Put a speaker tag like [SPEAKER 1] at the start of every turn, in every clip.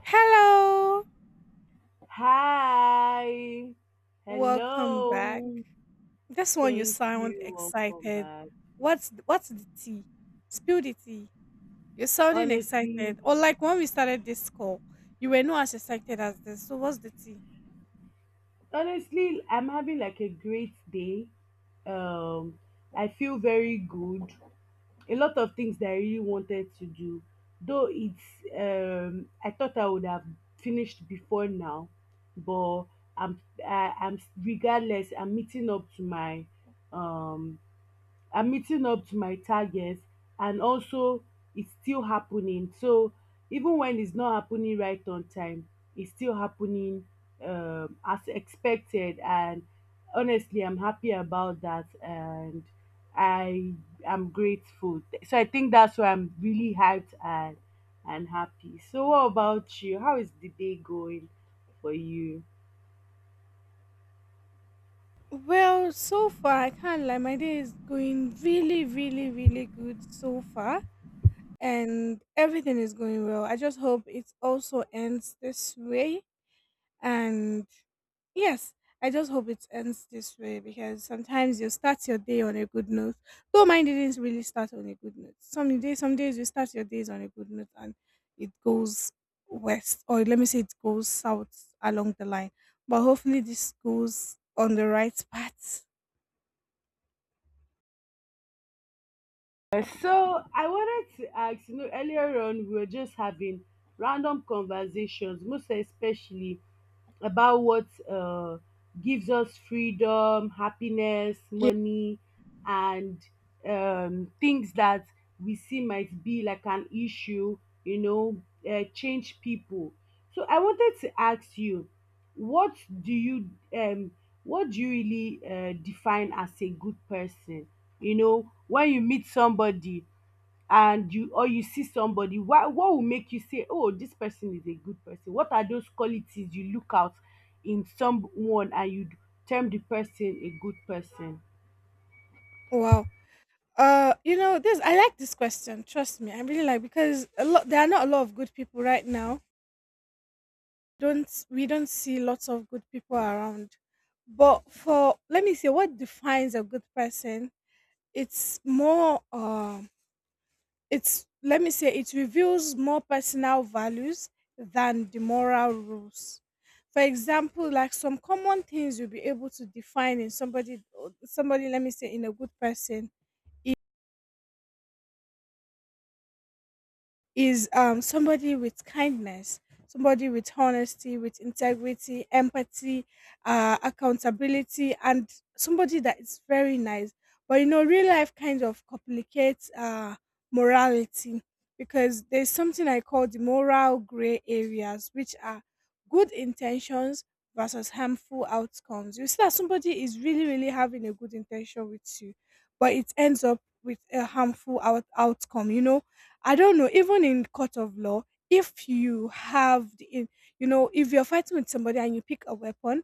[SPEAKER 1] Hello,
[SPEAKER 2] Hi.
[SPEAKER 1] welcome back.
[SPEAKER 2] Hello.
[SPEAKER 1] This one you
[SPEAKER 2] Thank
[SPEAKER 1] sound
[SPEAKER 2] you. Welcome
[SPEAKER 1] excited.
[SPEAKER 2] back.
[SPEAKER 1] What's the tea? Spill the tea. You're sounding
[SPEAKER 2] Honestly,
[SPEAKER 1] excited. Or like when we started this call, you were not as excited as this. So what's the tea?
[SPEAKER 2] honestly, I'm having like a great day. Um, I feel very good. A lot of things that I really wanted to do, though it's I thought I would have finished before now, but I'm regardless. I'm meeting up to my um I'm meeting up to my targets, and also it's still happening. So even when it's not happening right on time, it's still happening, as expected. And honestly, I'm happy about that, and I am grateful. So I think that's why I'm really hyped and happy. So what about you? How is the day going for you?
[SPEAKER 1] Well, so far I can't lie. My day is going really, really, really good so far, and everything is going well. I just hope it also ends this way. And yes, I just hope it ends this way because sometimes you start your day on a good note. Though mine didn't really start on a good note. Some days you start your days on a good note and it goes west, or let me say it goes south along the line. But hopefully this goes on the right path.
[SPEAKER 2] So I wanted to ask, you know, earlier on we were just having random conversations, most especially about what gives us freedom, happiness,
[SPEAKER 1] Yeah.
[SPEAKER 2] money, and things that we see might be like an issue, you know, change people. So I wanted to ask you, what do you um what do you really define as a good person? You know, when you meet somebody, and you, or you see somebody, why, what will make you say, oh, this person is a good person? What are those qualities you look out in someone and you term the person a good person?
[SPEAKER 1] Wow. You know this. I like this question. Trust me, I really like because a lot. There are not a lot of good people right now, don't we don't see lots of good people around, but for let me say what defines a good person, it's more it's, let me say, it reveals more personal values than the moral rules. For example, like some common things you'll be able to define in somebody, somebody, let me say, in a good person is somebody with kindness, somebody with honesty, with integrity, empathy, accountability, and somebody that is very nice. But you know, real life kind of complicates morality, because there's something I call the moral gray areas, which are good intentions versus harmful outcomes. You see that somebody is really, really having a good intention with you, but it ends up with a harmful outcome, you know. I don't know, even in court of law, if you have the, you know, if you're fighting with somebody and you pick a weapon,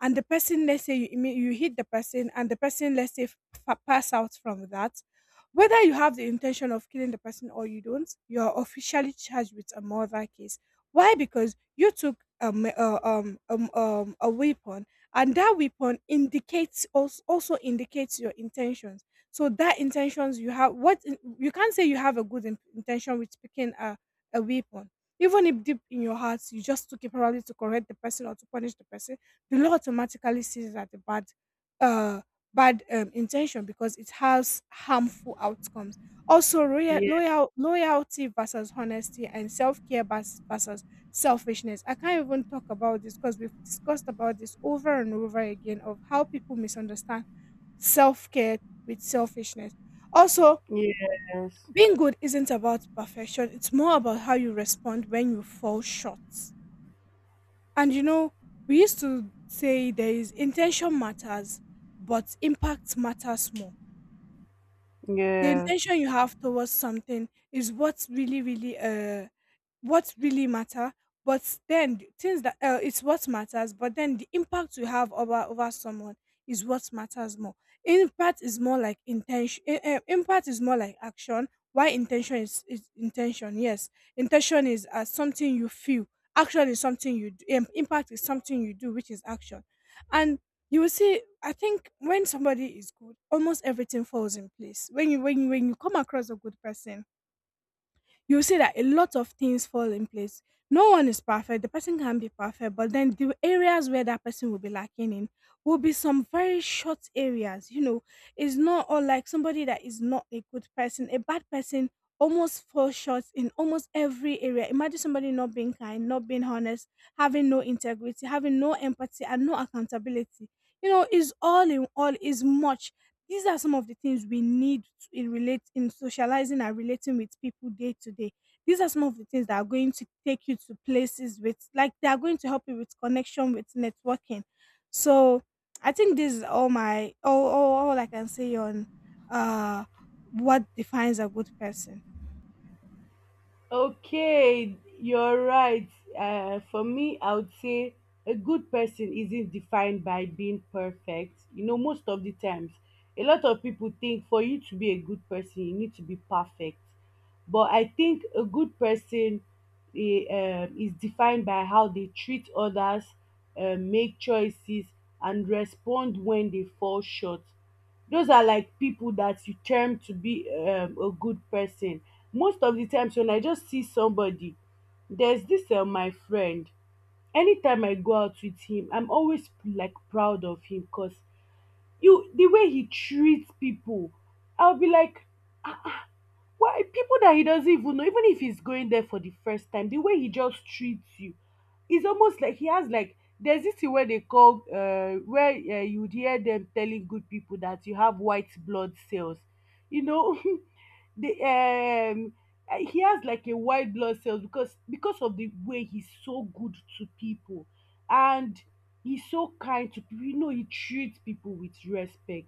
[SPEAKER 1] and the person, let's say you you hit the person, and the person, let's say, pass out from that, whether you have the intention of killing the person or you don't, you are officially charged with a murder case. Why? Because you took a weapon, and that weapon indicates also, also indicates your intentions. So that intentions you have, you can't say you have a good intention with picking a weapon. Even if deep in your heart you just took it probably to correct the person or to punish the person, the law automatically sees it as a bad, uh, bad intention because it has harmful outcomes. Also, roya-
[SPEAKER 2] Yeah.
[SPEAKER 1] loyal loyalty versus honesty, and self care versus selfishness. I can't even talk about this because we've discussed about this over and over again of how people misunderstand self care with selfishness. Also,
[SPEAKER 2] Yes.
[SPEAKER 1] being good isn't about perfection, it's more about how you respond when you fall short. And you know, we used to say there is intention matters, but impact matters more. The
[SPEAKER 2] Yes.
[SPEAKER 1] intention you have towards something is what's really, really what really matter, but then the things that it's what matters, but then the impact you have over over someone is what matters more. Impact is more like intention, impact is more like action. Why intention is, intention, yes. Intention is something you feel. Action is something you do. Impact is something you do, which is action. And you will see, I think when somebody is good, almost everything falls in place. When you come across a good person, you'll see that a lot of things fall in place. No one is perfect. The person can be perfect, but then the areas where that person will be lacking in will be some very short areas. You know, it's not all like somebody that is not a good person. A bad person almost falls short in almost every area. Imagine somebody not being kind, not being honest, having no integrity, having no empathy, and no accountability. You know, is all in all is much. These are some of the things we in relate in socializing and relating with people day to day. These are some of the things that are going to take you to places with, like they are going to help you with connection, with networking. So I think this is all my all I can say on uh what defines a good person.
[SPEAKER 2] Okay, you're right. For me, I would say a good person isn't defined by being perfect. You know, most of the times, a lot of people think for you to be a good person, you need to be perfect. But I think a good person is defined by how they treat others, make choices, and respond when they fall short. Those are like people that you term to be a good person. Most of the times when I just see somebody, there's this my friend. Anytime I go out with him, I'm always like proud of him because you the way he treats people, I'll be like, why, people that he doesn't even know, even if he's going there for the first time, the way he just treats you, it's almost like he has like there's this thing where they call where you would hear them telling good people that you have white blood cells. You know, the he has like a white blood cells because of the way he's so good to people, and he's so kind to people, you know, he treats people with respect.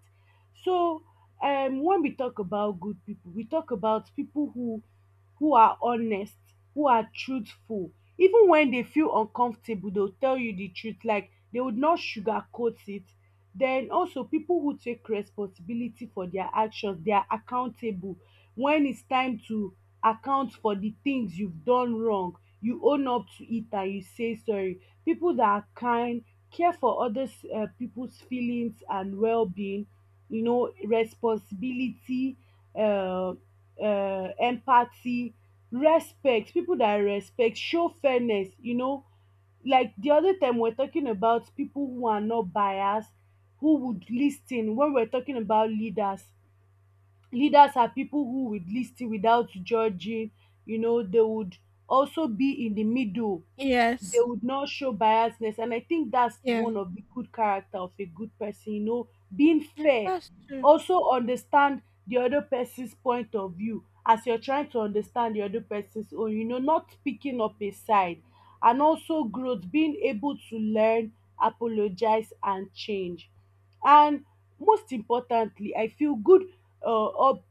[SPEAKER 2] So, when we talk about good people, we talk about people who are honest, who are truthful. Even when they feel uncomfortable, they'll tell you the truth, like, they would not sugarcoat it. Then also, people who take responsibility for their actions, they are accountable. When it's time to account for the things you've done wrong, you own up to it and you say sorry. People that are kind, care for others, um, people's feelings and well-being, you know, responsibility, um empathy, respect. People that respect, show fairness, you know. Like the other time we were talking about people who are not biased, who would lis ten when we were talking about leaders. Leaders are people who would lis ten without judging. You know, they would also be in the middle, they
[SPEAKER 1] Yes.
[SPEAKER 2] would not show biasness, and I think that's
[SPEAKER 1] Yeah.
[SPEAKER 2] one of the good character of a good person, you know, being
[SPEAKER 1] Yeah,
[SPEAKER 2] fair.
[SPEAKER 1] that's true.
[SPEAKER 2] Also, understand the other person's point of view as you're trying to understand the other person's own, you know, not picking up a side. And also growth, being able to learn, apologize, and change. And most importantly, I feel good, or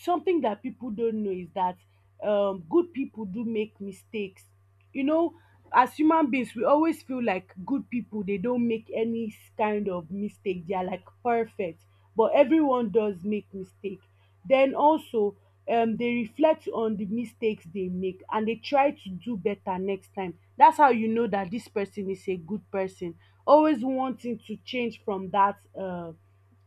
[SPEAKER 2] something that people don't know is that, good people do make mistakes. You know, as human beings, we always feel like good people, they don't make any kind of mistake. They are like perfect, but everyone does make mistake. Then also, they reflect on the mistakes they make and they try to do better next time. That's how you know that this person is a good person, always wanting to change from that, uh,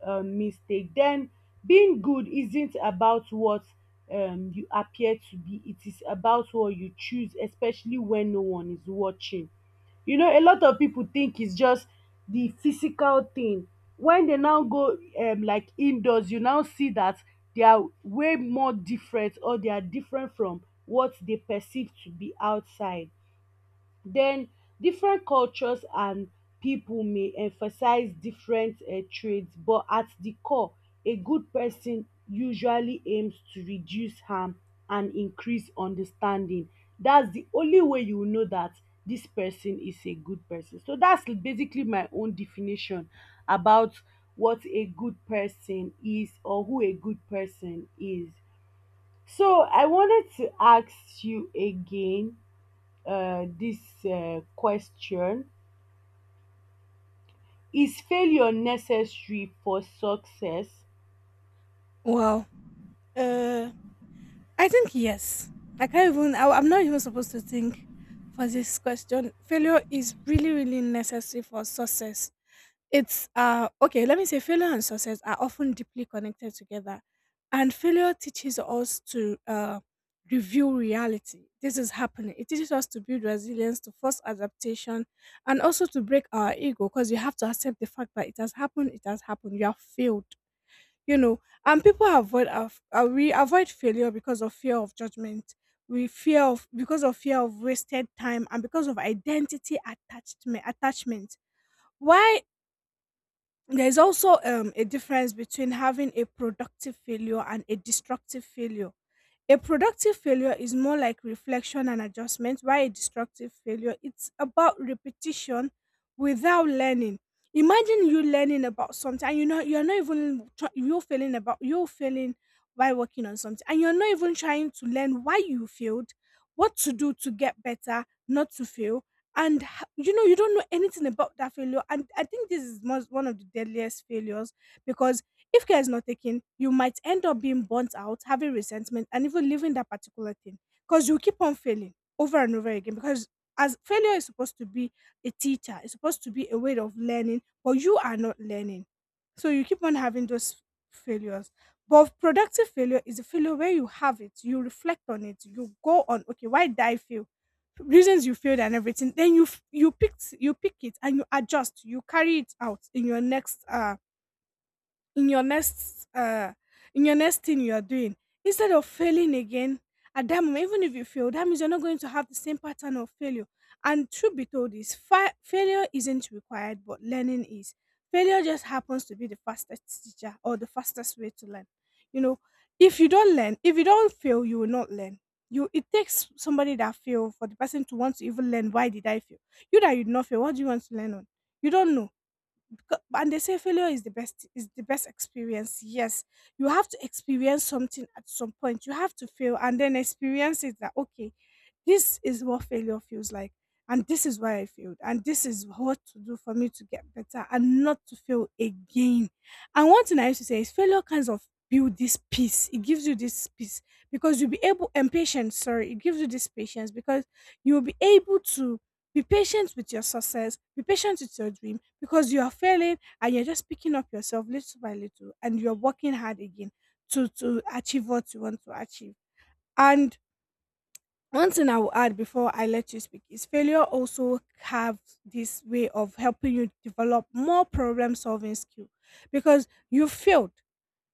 [SPEAKER 2] um mistake. Then being good isn't about what you appear to be, it is about what you choose, especially when no one is watching. You know, a lot of pipu think is just the physical thing. When they now go like indoors, you now see that they are way more different, or they are different from what they perceive to be outside. Then different cultures and people may emphasize different traits, but at the core, a good person usually aims to reduce harm and increase understanding. That's the only way you will know that this person is a good person. So that's basically my own definition about what a good person is, or who a good person is. So I wanted to ask you again, this question. Is failure necessary for success?
[SPEAKER 1] Well. Uh I think yes. I'm not even supposed to think for this question. Failure is really, really necessary for success. It's okay, let me say failure and success are often deeply connected together, and failure teaches us to review reality. This is happening. It teaches us to build resilience, to force adaptation, and also to break our ego, because you have to accept the fact that it has happened. It has happened. You have failed, you know. And people avoid we avoid failure because of fear of judgment. We fear of because of fear of wasted time and because of identity attachment. Why, there is also a difference between having a productive failure and a destructive failure. A productive failure is more like reflection and adjustment, while a destructive failure, it's about repetition without learning. Imagine you learning about something and you know you're not even you're failing about, you're failing while working on something and you're not even trying to learn why you failed, what to do to get better, not to fail. And you know, you don't know anything about that failure, and I think this is most, one of the deadliest failures, because if care is not taken, you might end up being burnt out, having resentment, and even leaving that particular thing because you keep on failing over and over again. Because as failure is supposed to be a teacher, it's supposed to be a way of learning, but you are not learning. So you keep on having those failures. But productive failure is a failure where you have it, you reflect on it, you go on, okay, why did I fail? Reasons you failed and everything. Then you f- you picked you pick it and you adjust. You carry it out in your next in your next in your next thing you are doing, instead of failing again at that moment. Even if you fail, that means you're not going to have the same pattern of failure. And truth be told is failure isn't required, but learning is. Failure just happens to be the fastest teacher or the fastest way to learn. You know, if you don't learn, if you don't fail, you will not learn. You, it takes somebody that fail for the person to want to even learn, why did I fail? You that you did not fail, what do you want to learn on? You don't know. And they say failure is the best experience. Yes, you have to experience something at some point. You have to fail and then experience it that, okay, this is what failure feels like, and this is why I failed, and this is what to do for me to get better and not to fail again. And one thing I used to say is failure kinds of build this peace, it gives you this peace, because you'll be able, and patience, sorry, it gives you this patience because you'll be able to be patient with your success, be patient with your dream, because you are failing and you're just picking up yourself little by little, and you're working hard again to achieve what you want to achieve. And one thing I will add before I let you speak is failure also have this way of helping you develop more problem solving skill. Because you failed,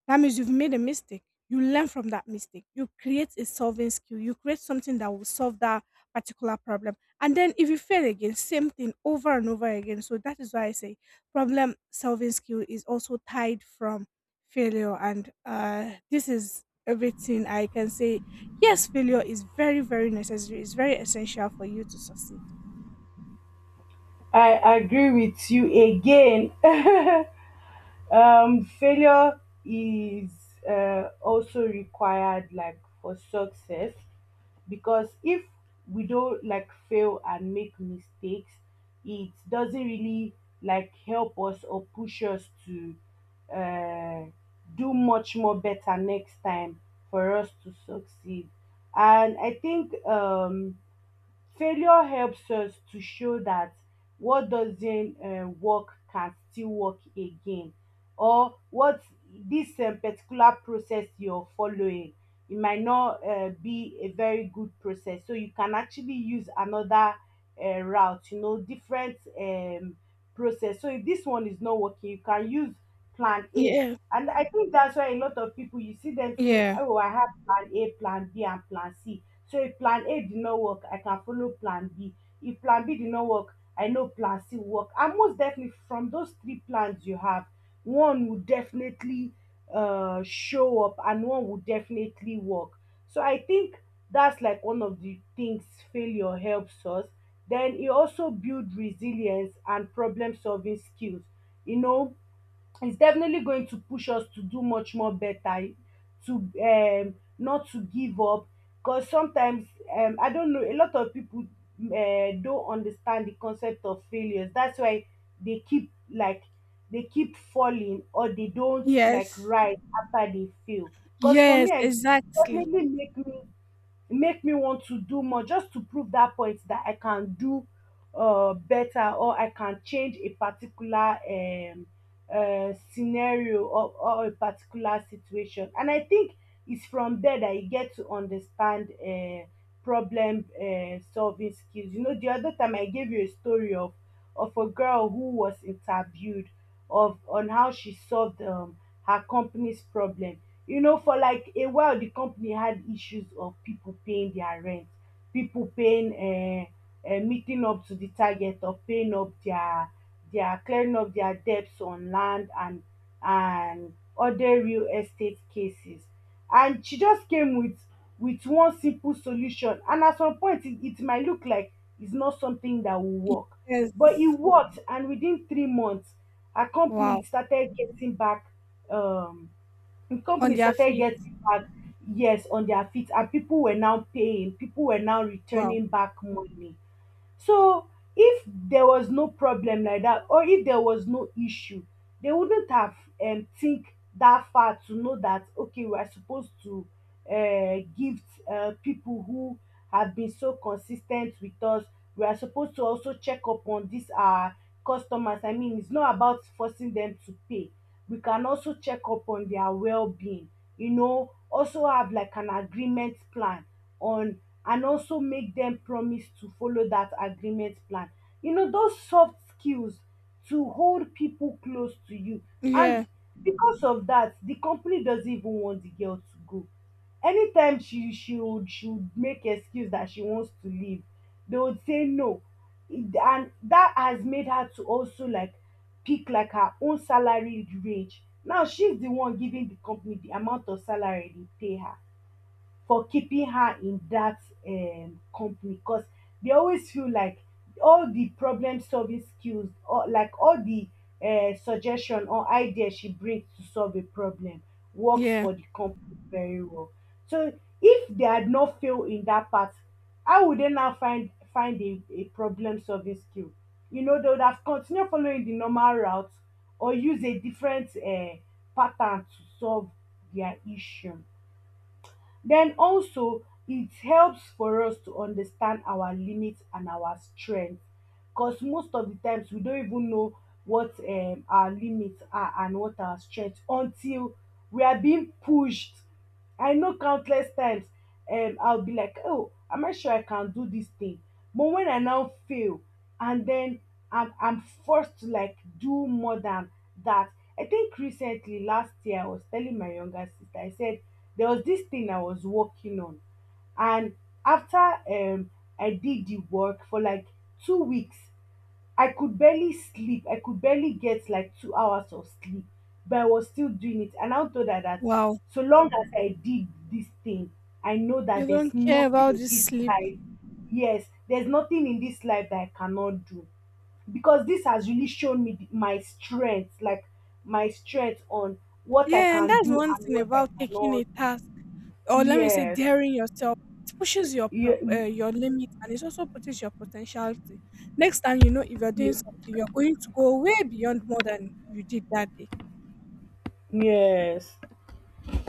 [SPEAKER 1] that means you've made a mistake. You learn from that mistake. You create a solving skill. You create something that will solve that particular problem. And then if you fail again, same thing over and over again. So that is why I say problem solving skill is also tied from failure. And this is everything I can say. Yes, failure is very, very necessary. It's very essential for you to succeed.
[SPEAKER 2] I agree with you again. Failure is also required, like, for success, because if we don't like fail and make mistakes, it doesn't really like help us or push us to uh, do much more better next time for us to succeed. And I think, failure helps us to show that what doesn't work can still work again. Or what, this particular process you're following, it might not be a very good process, so you can actually use another route, you know, different, process. So if this one is not working, you can use plan a.
[SPEAKER 1] Yeah.
[SPEAKER 2] And I think that's why a lot of people, you see them saying,
[SPEAKER 1] Yeah.
[SPEAKER 2] oh, I have plan a, plan b, and plan c. So if plan A did not work, I can follow plan B. If plan B did not work, I know plan C will work. And most definitely, from those three plans you have, one will definitely show up, and one will definitely work. So I think that's like one of the things failure helps us. Then it also builds resilience and problem solving skills. You know, it's definitely going to push us to do much more better, to not to give up. Because sometimes, I don't know, a lot of people don't understand the concept of failures, that's why they keep like they keep falling, or they don't like
[SPEAKER 1] Yes.
[SPEAKER 2] rise after they fail. Because for
[SPEAKER 1] Yes,
[SPEAKER 2] me, I it
[SPEAKER 1] exactly.
[SPEAKER 2] definitely make me want to do more, just to prove that point that I can do better, or I can change a particular, scenario, or a particular situation. And I think it's from there that you get to understand, problem, solving skills. You know, the other time I gave you a story of a girl who was interviewed of on how she solved her company's problem. You know, for like a while, the company had issues of people paying their rent, people paying, meeting up to the target of paying up their clearing up their debts on land and other real estate cases. And she just came with one simple solution. And at some point, it might look like it's not something that will work, but it
[SPEAKER 1] Yes.
[SPEAKER 2] worked. And within 3 months, our company
[SPEAKER 1] Wow.
[SPEAKER 2] started getting back um the
[SPEAKER 1] On
[SPEAKER 2] company
[SPEAKER 1] their
[SPEAKER 2] started
[SPEAKER 1] feet.
[SPEAKER 2] getting back, yes, on their feet, and people were now paying, people were now
[SPEAKER 1] Wow.
[SPEAKER 2] returning back money. So if there was no problem like that, or if there was no issue, they wouldn't have, think that far to know that, okay, we are supposed to gift people who have been so consistent with us. We are supposed to also check up on this our customers, I mean, it's not about forcing them to pay, we can also check up on their well-being, you know, also have like an agreement plan on, and also make them promise to follow that agreement plan, you know, those soft skills, to hold people close to you. And
[SPEAKER 1] Yeah.
[SPEAKER 2] because of that, the company doesn't even want the girl to go. Anytime she would, she would make excuse that she wants to leave, they would say no. And that has made her to also like pick like her own salary range. Now she's the one giving the company the amount of salary they pay her for keeping her in that company, because they always feel like all the problem solving skills, or like all the, suggestion or idea she brings to solve a problem works
[SPEAKER 1] Yeah.
[SPEAKER 2] for the company very well. So if they had not failed in that part, how would they now find a problem solving skill? You know, they would have continued following the normal route, or use a different pattern to solve their issue. Den also it helps for us to understand our limit and our strength, cause most of the times we don't even know what our limit are and what our strength until we are being pushed. I know countless times I'll be like, oh, am I sure I can do this thing? But when I now fail and then I'm forced to like do more than that. I think recently last year I was telling my younger sister, I said there was this thing I was working on, and after I did the work for like 2 weeks. I could barely sleep. I could barely get like 2 hours of sleep, but I was still doing it. And I thought that
[SPEAKER 1] Wow.
[SPEAKER 2] so long as I did this thing, I know
[SPEAKER 1] You
[SPEAKER 2] that
[SPEAKER 1] don't
[SPEAKER 2] there's
[SPEAKER 1] care
[SPEAKER 2] nothing
[SPEAKER 1] about
[SPEAKER 2] in
[SPEAKER 1] this
[SPEAKER 2] this
[SPEAKER 1] sleep.
[SPEAKER 2] life. Yes, there's nothing in this life that I cannot do, because this has really shown me my strength, like my strength on what I
[SPEAKER 1] Yeah, and
[SPEAKER 2] can
[SPEAKER 1] that's
[SPEAKER 2] do
[SPEAKER 1] one
[SPEAKER 2] and
[SPEAKER 1] thing
[SPEAKER 2] what I
[SPEAKER 1] about taking
[SPEAKER 2] cannot.
[SPEAKER 1] a task, or let me say,
[SPEAKER 2] Yes.
[SPEAKER 1] daring yourself. It pushes your
[SPEAKER 2] Yeah.
[SPEAKER 1] your limit, and it also pushes your potentiality. Next time, you know, if you're doing something, you're going to go way beyond more than you did that day.
[SPEAKER 2] Yes.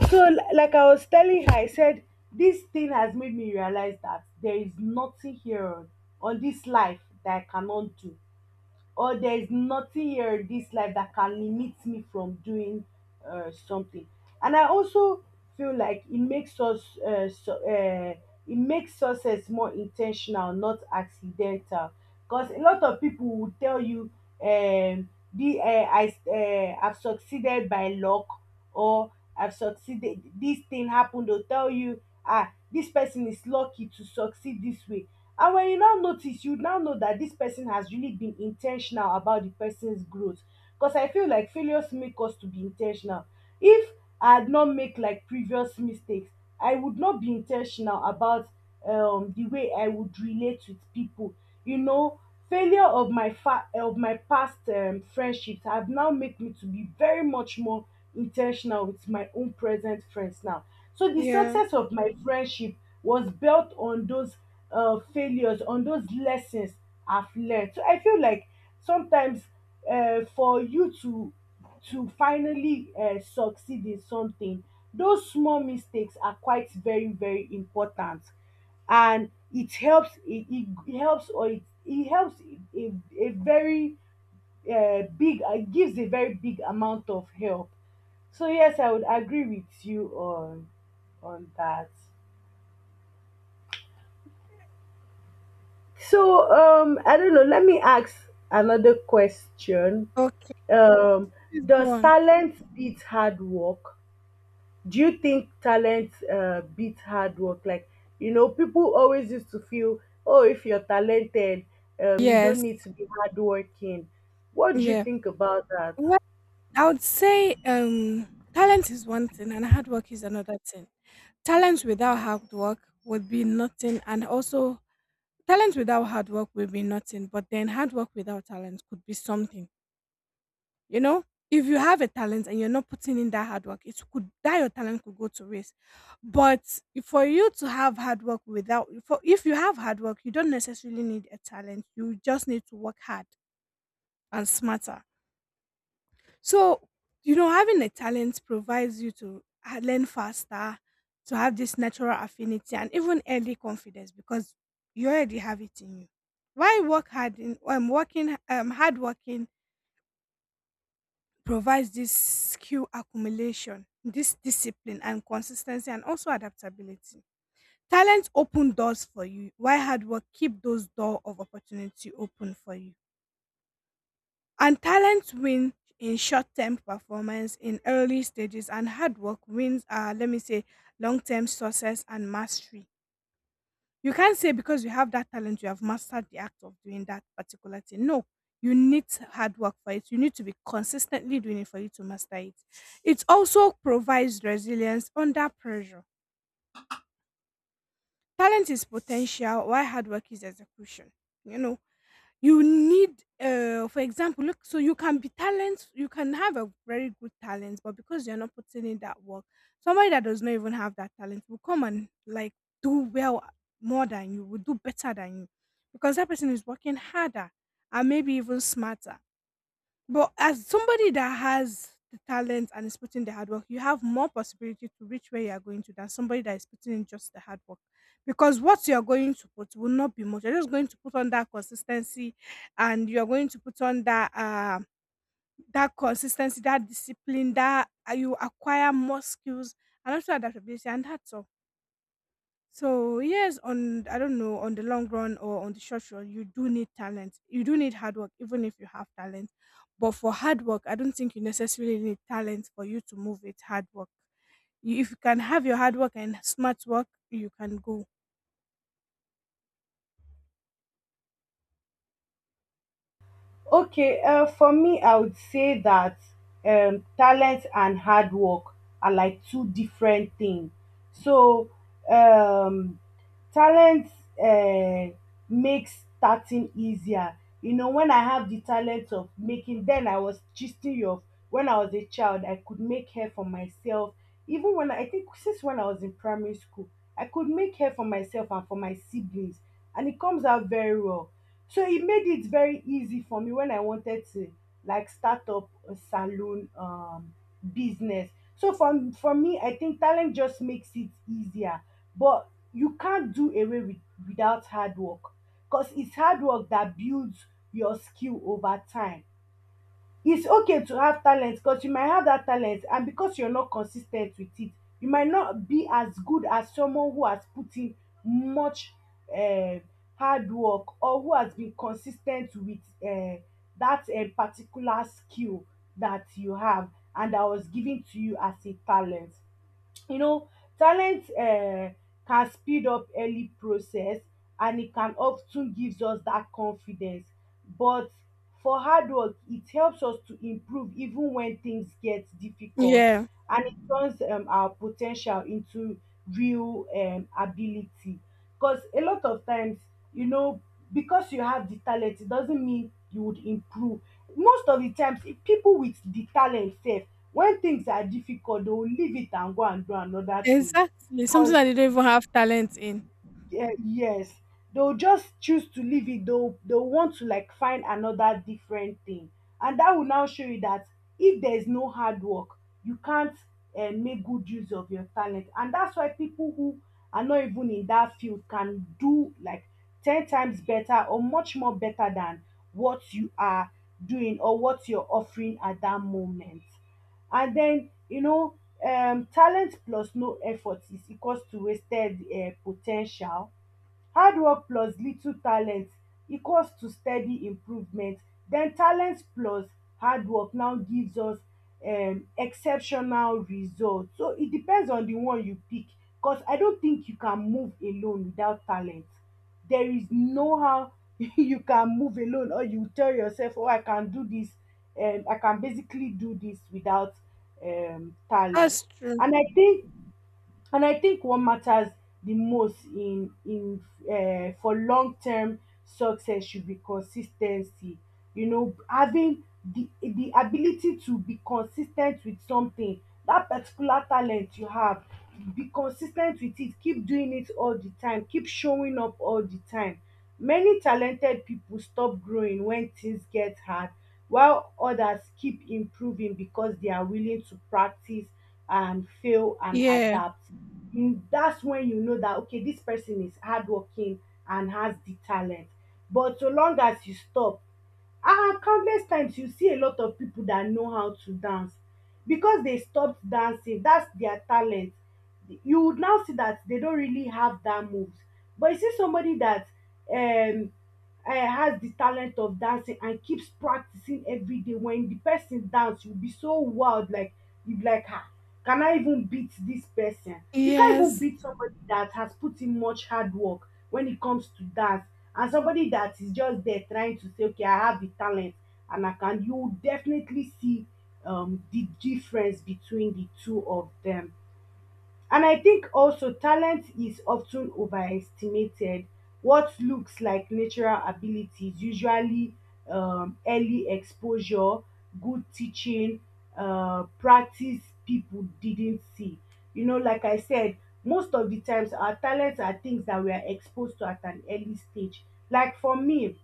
[SPEAKER 2] So, like I was telling her, I said, this thing has made me realize that there is nothing here on this life that I cannot do, or there is nothing here in this life that can limit me from doing something. And I also feel like it makes us it makes success more intentional, not accidental. Because a lot of people will tell you, um, the I I've succeeded by luck, or I've succeeded. This thing happened. They'll tell you, ah, this person is lucky to succeed this way. And when you now notice, you now know that this person has really been intentional about the person's growth. Because I feel like failures make us to be intentional. If I had not make like previous mistakes, I would not be intentional about the way I would relate with people. You know, failure of my past friendships have now made me to be very much more intentional with my own present friends now, so the
[SPEAKER 1] Yeah.
[SPEAKER 2] success of my friendship was built on those failures, on those lessons I've learned. So I feel like sometimes, for you to finally succeed in something, those small mistakes are quite very very important. And it helps, it helps, or it helps a, a very big, gives a very big amount of help. So yes, I would agree with you on that. So I don't know, let me ask another question.
[SPEAKER 1] Okay.
[SPEAKER 2] um
[SPEAKER 1] Please go
[SPEAKER 2] does
[SPEAKER 1] on.
[SPEAKER 2] talent beat hard work? Do you think talent beats hard work? Like, you know, people always used to feel, oh, if you're talented, you
[SPEAKER 1] Yes.
[SPEAKER 2] don't need to be hardworking. What do you
[SPEAKER 1] Yeah.
[SPEAKER 2] think about that?
[SPEAKER 1] Well, I would say talent is one thing, and hard work is another thing. Talent without hard work would be nothing, and also talent without hard work would be nothing. But then hard work without talent could be something. You know, if you have a talent and you're not putting in that hard work, it could that your talent could go to waste. But for you to have hard work without, for if you have hard work, you don't necessarily need a talent. You just need to work hard and smarter. So, you know, having a talent provides you to learn faster, to have this natural affinity and even early confidence because you already have it in you. Why work hard in working hard working provides this skill accumulation, this discipline and consistency and also adaptability. Talent open doors for you. Why hard work keep those door of opportunity open for you? And talent win in short term performance in early stages, and hard work wins, let me say, long term success and mastery. You can't say because you have that talent, you have mastered the act of doing that particular thing. No, you need hard work for it. You need to be consistently doing it for you to master it. It also provides resilience under pressure. Talent is potential, while hard work is execution. You know, you need for example look so you can be talent you can have a very good talent but because you're not putting in that work somebody that does not even have that talent will come and like do well more than you will do better than you because that person is working harder and maybe even smarter but as somebody that has the talent and is putting the hard work, you have more possibility to reach where you are going to than somebody that is putting in just the hard work. Because what you are going to put will not be much. You're just going to put on that consistency and you're going to put on that consistency, that discipline, that you acquire more skills and also adaptability, and that's all. So yes, on I don't know on the long run or on the short run, you do need talent. You do need hard work, even if you have talent. But for hard work, I don't think you necessarily need talent for you to move it. Hard work. You, if you can have your hard work and smart work, you can go.
[SPEAKER 2] Okay, for me, I would say that talent and hard work are like two different things. So, um, talent uh, makes starting easier. You know, when I have the talent of making, then I was gisting you of when I was a child, I could make hair for myself. Even when I think since when I was in primary school, I could make hair for myself and for my siblings, and it comes out very well, so it made it very easy for me when I wanted to like start up a salon business. So for me, I think talent just makes it easier, but you can't do away without hard work, because it's hard work that builds your skill over time. It's okay to have talent, because you might have that talent and because you're not consis ten t with it, you might not be as good as someone who has put in much um hard work, or who has been consis ten t with um that particular skill that you have and that was given to you as a talent. You know, talent can speed up early process, and e can of ten gives us that confidence. But for hard work, it helps us to improve even when things get difficult,
[SPEAKER 1] Yeah,
[SPEAKER 2] and it turns our po ten tial into real ability. Because a lot of times, you know, because you have the talent it doesn't mean you would improve. Most of the times, if people with the talent sef, when things are difficult, they will leave it and go and do another thing.
[SPEAKER 1] exactly. Something
[SPEAKER 2] Because
[SPEAKER 1] that you don't even have talent in.
[SPEAKER 2] yeah, yes, they'll just choose to leave it. They'll want to like find another different thing, and that will now show you that if there is no hard work, you can't make good use of your talent. And that's why people who are not even in that field can do like 10 times better or much more better than what you are doing or what you're offering at that moment. And then you know, talent plus no effort is equals to wasted potential. Hard work plus little talent equals to steady improvement. Den talent plus hard work now gives us exceptional result. So it depends on the one you pick, cos I don't think you can move alone without talent. There is no how you can move alone, or you tell yourself, oh, I can do dis, I can basically do dis without talent.
[SPEAKER 1] That's true.
[SPEAKER 2] And I think and I think what matters the most in for long term success should be consis ten cy. You know, having the ability to be consis ten t with something, that particular talent you have, be consis ten t with it, keep doing it all the time, keep showing up all the time. Many talented pipo stop growing when things get hard, while others keep improving because they are willing to practice and fail and
[SPEAKER 1] Yeah.
[SPEAKER 2] adapt. Mm, that's when you know that okay, this person is hardworking and has the talent. But so long as you stop, ah, countless times you see a lot of people that know how to dance, because they stopped dancing, that's their talent, you would now see that they don't really have that moves. But you see somebody that um has the talent of dancing and keeps practicing every day. When the person dance, you'll be so wild, like you be like, ah, can I even beat this person? You can't even
[SPEAKER 1] Yes.
[SPEAKER 2] beat somebody that has put in much hard work when it comes to dance, and somebody that is just there trying to say, okay, I have the talent and I can. You will definitely see the difference between the two of them. And I think also talent is often overestimated. What looks like natural abilities, usually early exposure, good teaching, practice people didn't see. You know, like I said, most of the times our talents are things that we are exposed to at an early stage. Like for me,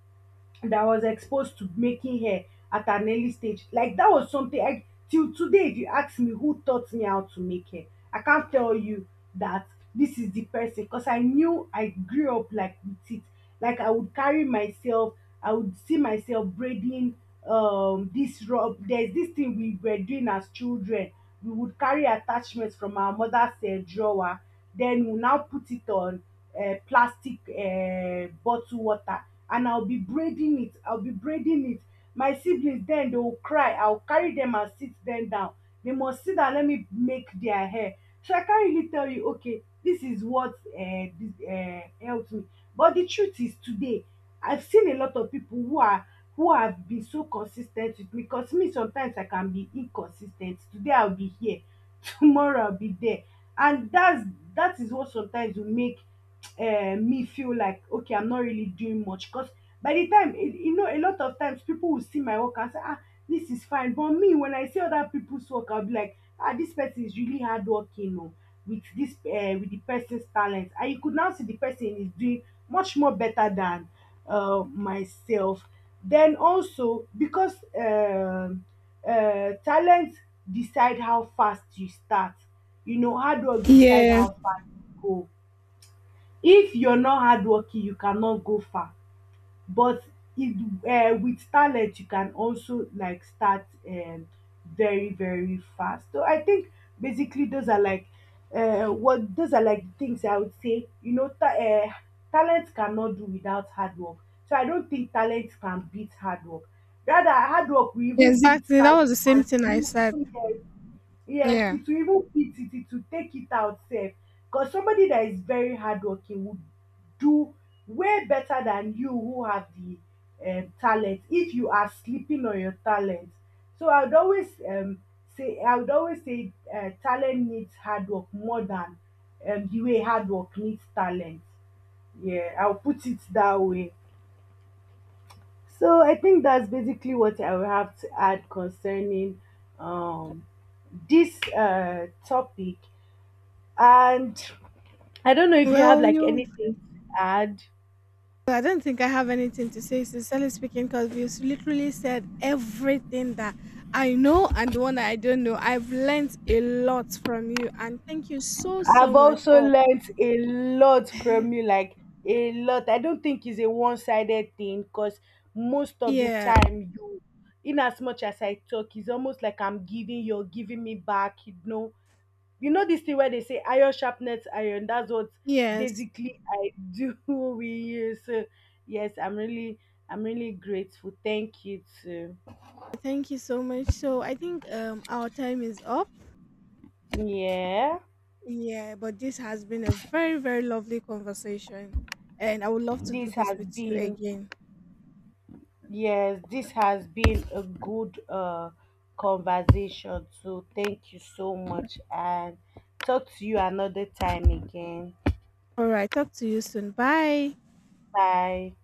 [SPEAKER 2] that was exposed to making hair at an early stage. Like that was something I, till today. If you ask me who taught me how to make hair, I can't tell you that this is the person, because I knew I grew up like with it. Like I would carry myself, I would see myself braiding this rub. There's this thing we were doing as children. We would carry attachments from our mother's drawer, then we now put it on plastic bottle water, and I'll be braiding it, I'll be braiding it. My siblings then they will cry, I'll carry them and sit them down. They must sit down, let me make their hair. So I can't really tell you, okay, this is what helped me. But the truth is today, I've seen a lot of people who have been so consistent with me, because me sometimes I can be inconsistent. Today I'll be here, tomorrow I'll be there. And that is what sometimes will make me feel like okay, I'm not really doing much. Because by the time you know, a lot of times people will see my work and say, ah, this is fine, but me when I see other people's work, I'll be like, ah, this person is really hardworking o with this with the person's talent, and you could now see the person is doing much more better than myself. Then also because talent decide how fast you start. You know, hard work decide
[SPEAKER 1] Yeah.
[SPEAKER 2] how fast you go. If you're not hardworking you cannot go far. But if with talent you can also like start very very fast. So I think basically those are like what those are like the things I would say. You know, talent cannot do without hard work, so I don't think talent can beat hard work. Rather, hard work will even beat
[SPEAKER 1] Exactly. That
[SPEAKER 2] talent.
[SPEAKER 1] was the same thing I said.
[SPEAKER 2] And yes,
[SPEAKER 1] Yeah.
[SPEAKER 2] it will even eat it, it will take it out safe. Because somebody that is very hardworking would do way better than you who have the talent if you are sleeping on your talent. So I would always say I would always say talent needs hard work more than the way hard work needs talent. Yeah, I'll put it that way. So I think that's basically what I will have to add concerning um this topic, and I don't know if you have
[SPEAKER 1] Well,
[SPEAKER 2] like
[SPEAKER 1] you
[SPEAKER 2] anything to add.
[SPEAKER 1] I don't think I have anything to say, sincerely speaking, because you literally said everything that I know and the one that I don't know. I've learnt a lot from you, and thank you so, so
[SPEAKER 2] I've
[SPEAKER 1] much
[SPEAKER 2] also
[SPEAKER 1] for.
[SPEAKER 2] learned a lot from you, like a lot. I don't think it's a one-sided thing, because most of the
[SPEAKER 1] Yeah,
[SPEAKER 2] time you, in as much as I talk, it's almost like I'm giving, you're giving me back. You know, this thing where they say iron sharpens iron, that's what
[SPEAKER 1] yes.
[SPEAKER 2] basically I do with you. So yes, I'm really grateful. Thank you too.
[SPEAKER 1] Thank you so much. So I think our time is up.
[SPEAKER 2] Yeah,
[SPEAKER 1] Yeah, but this has been a very, very lovely conversation, and I would love to do
[SPEAKER 2] this
[SPEAKER 1] this
[SPEAKER 2] has
[SPEAKER 1] with you
[SPEAKER 2] been,
[SPEAKER 1] again.
[SPEAKER 2] yes, this has been a good conversation. So thank you so much, and talk to you another time again.
[SPEAKER 1] All right, talk to you soon. Bye.
[SPEAKER 2] Bye.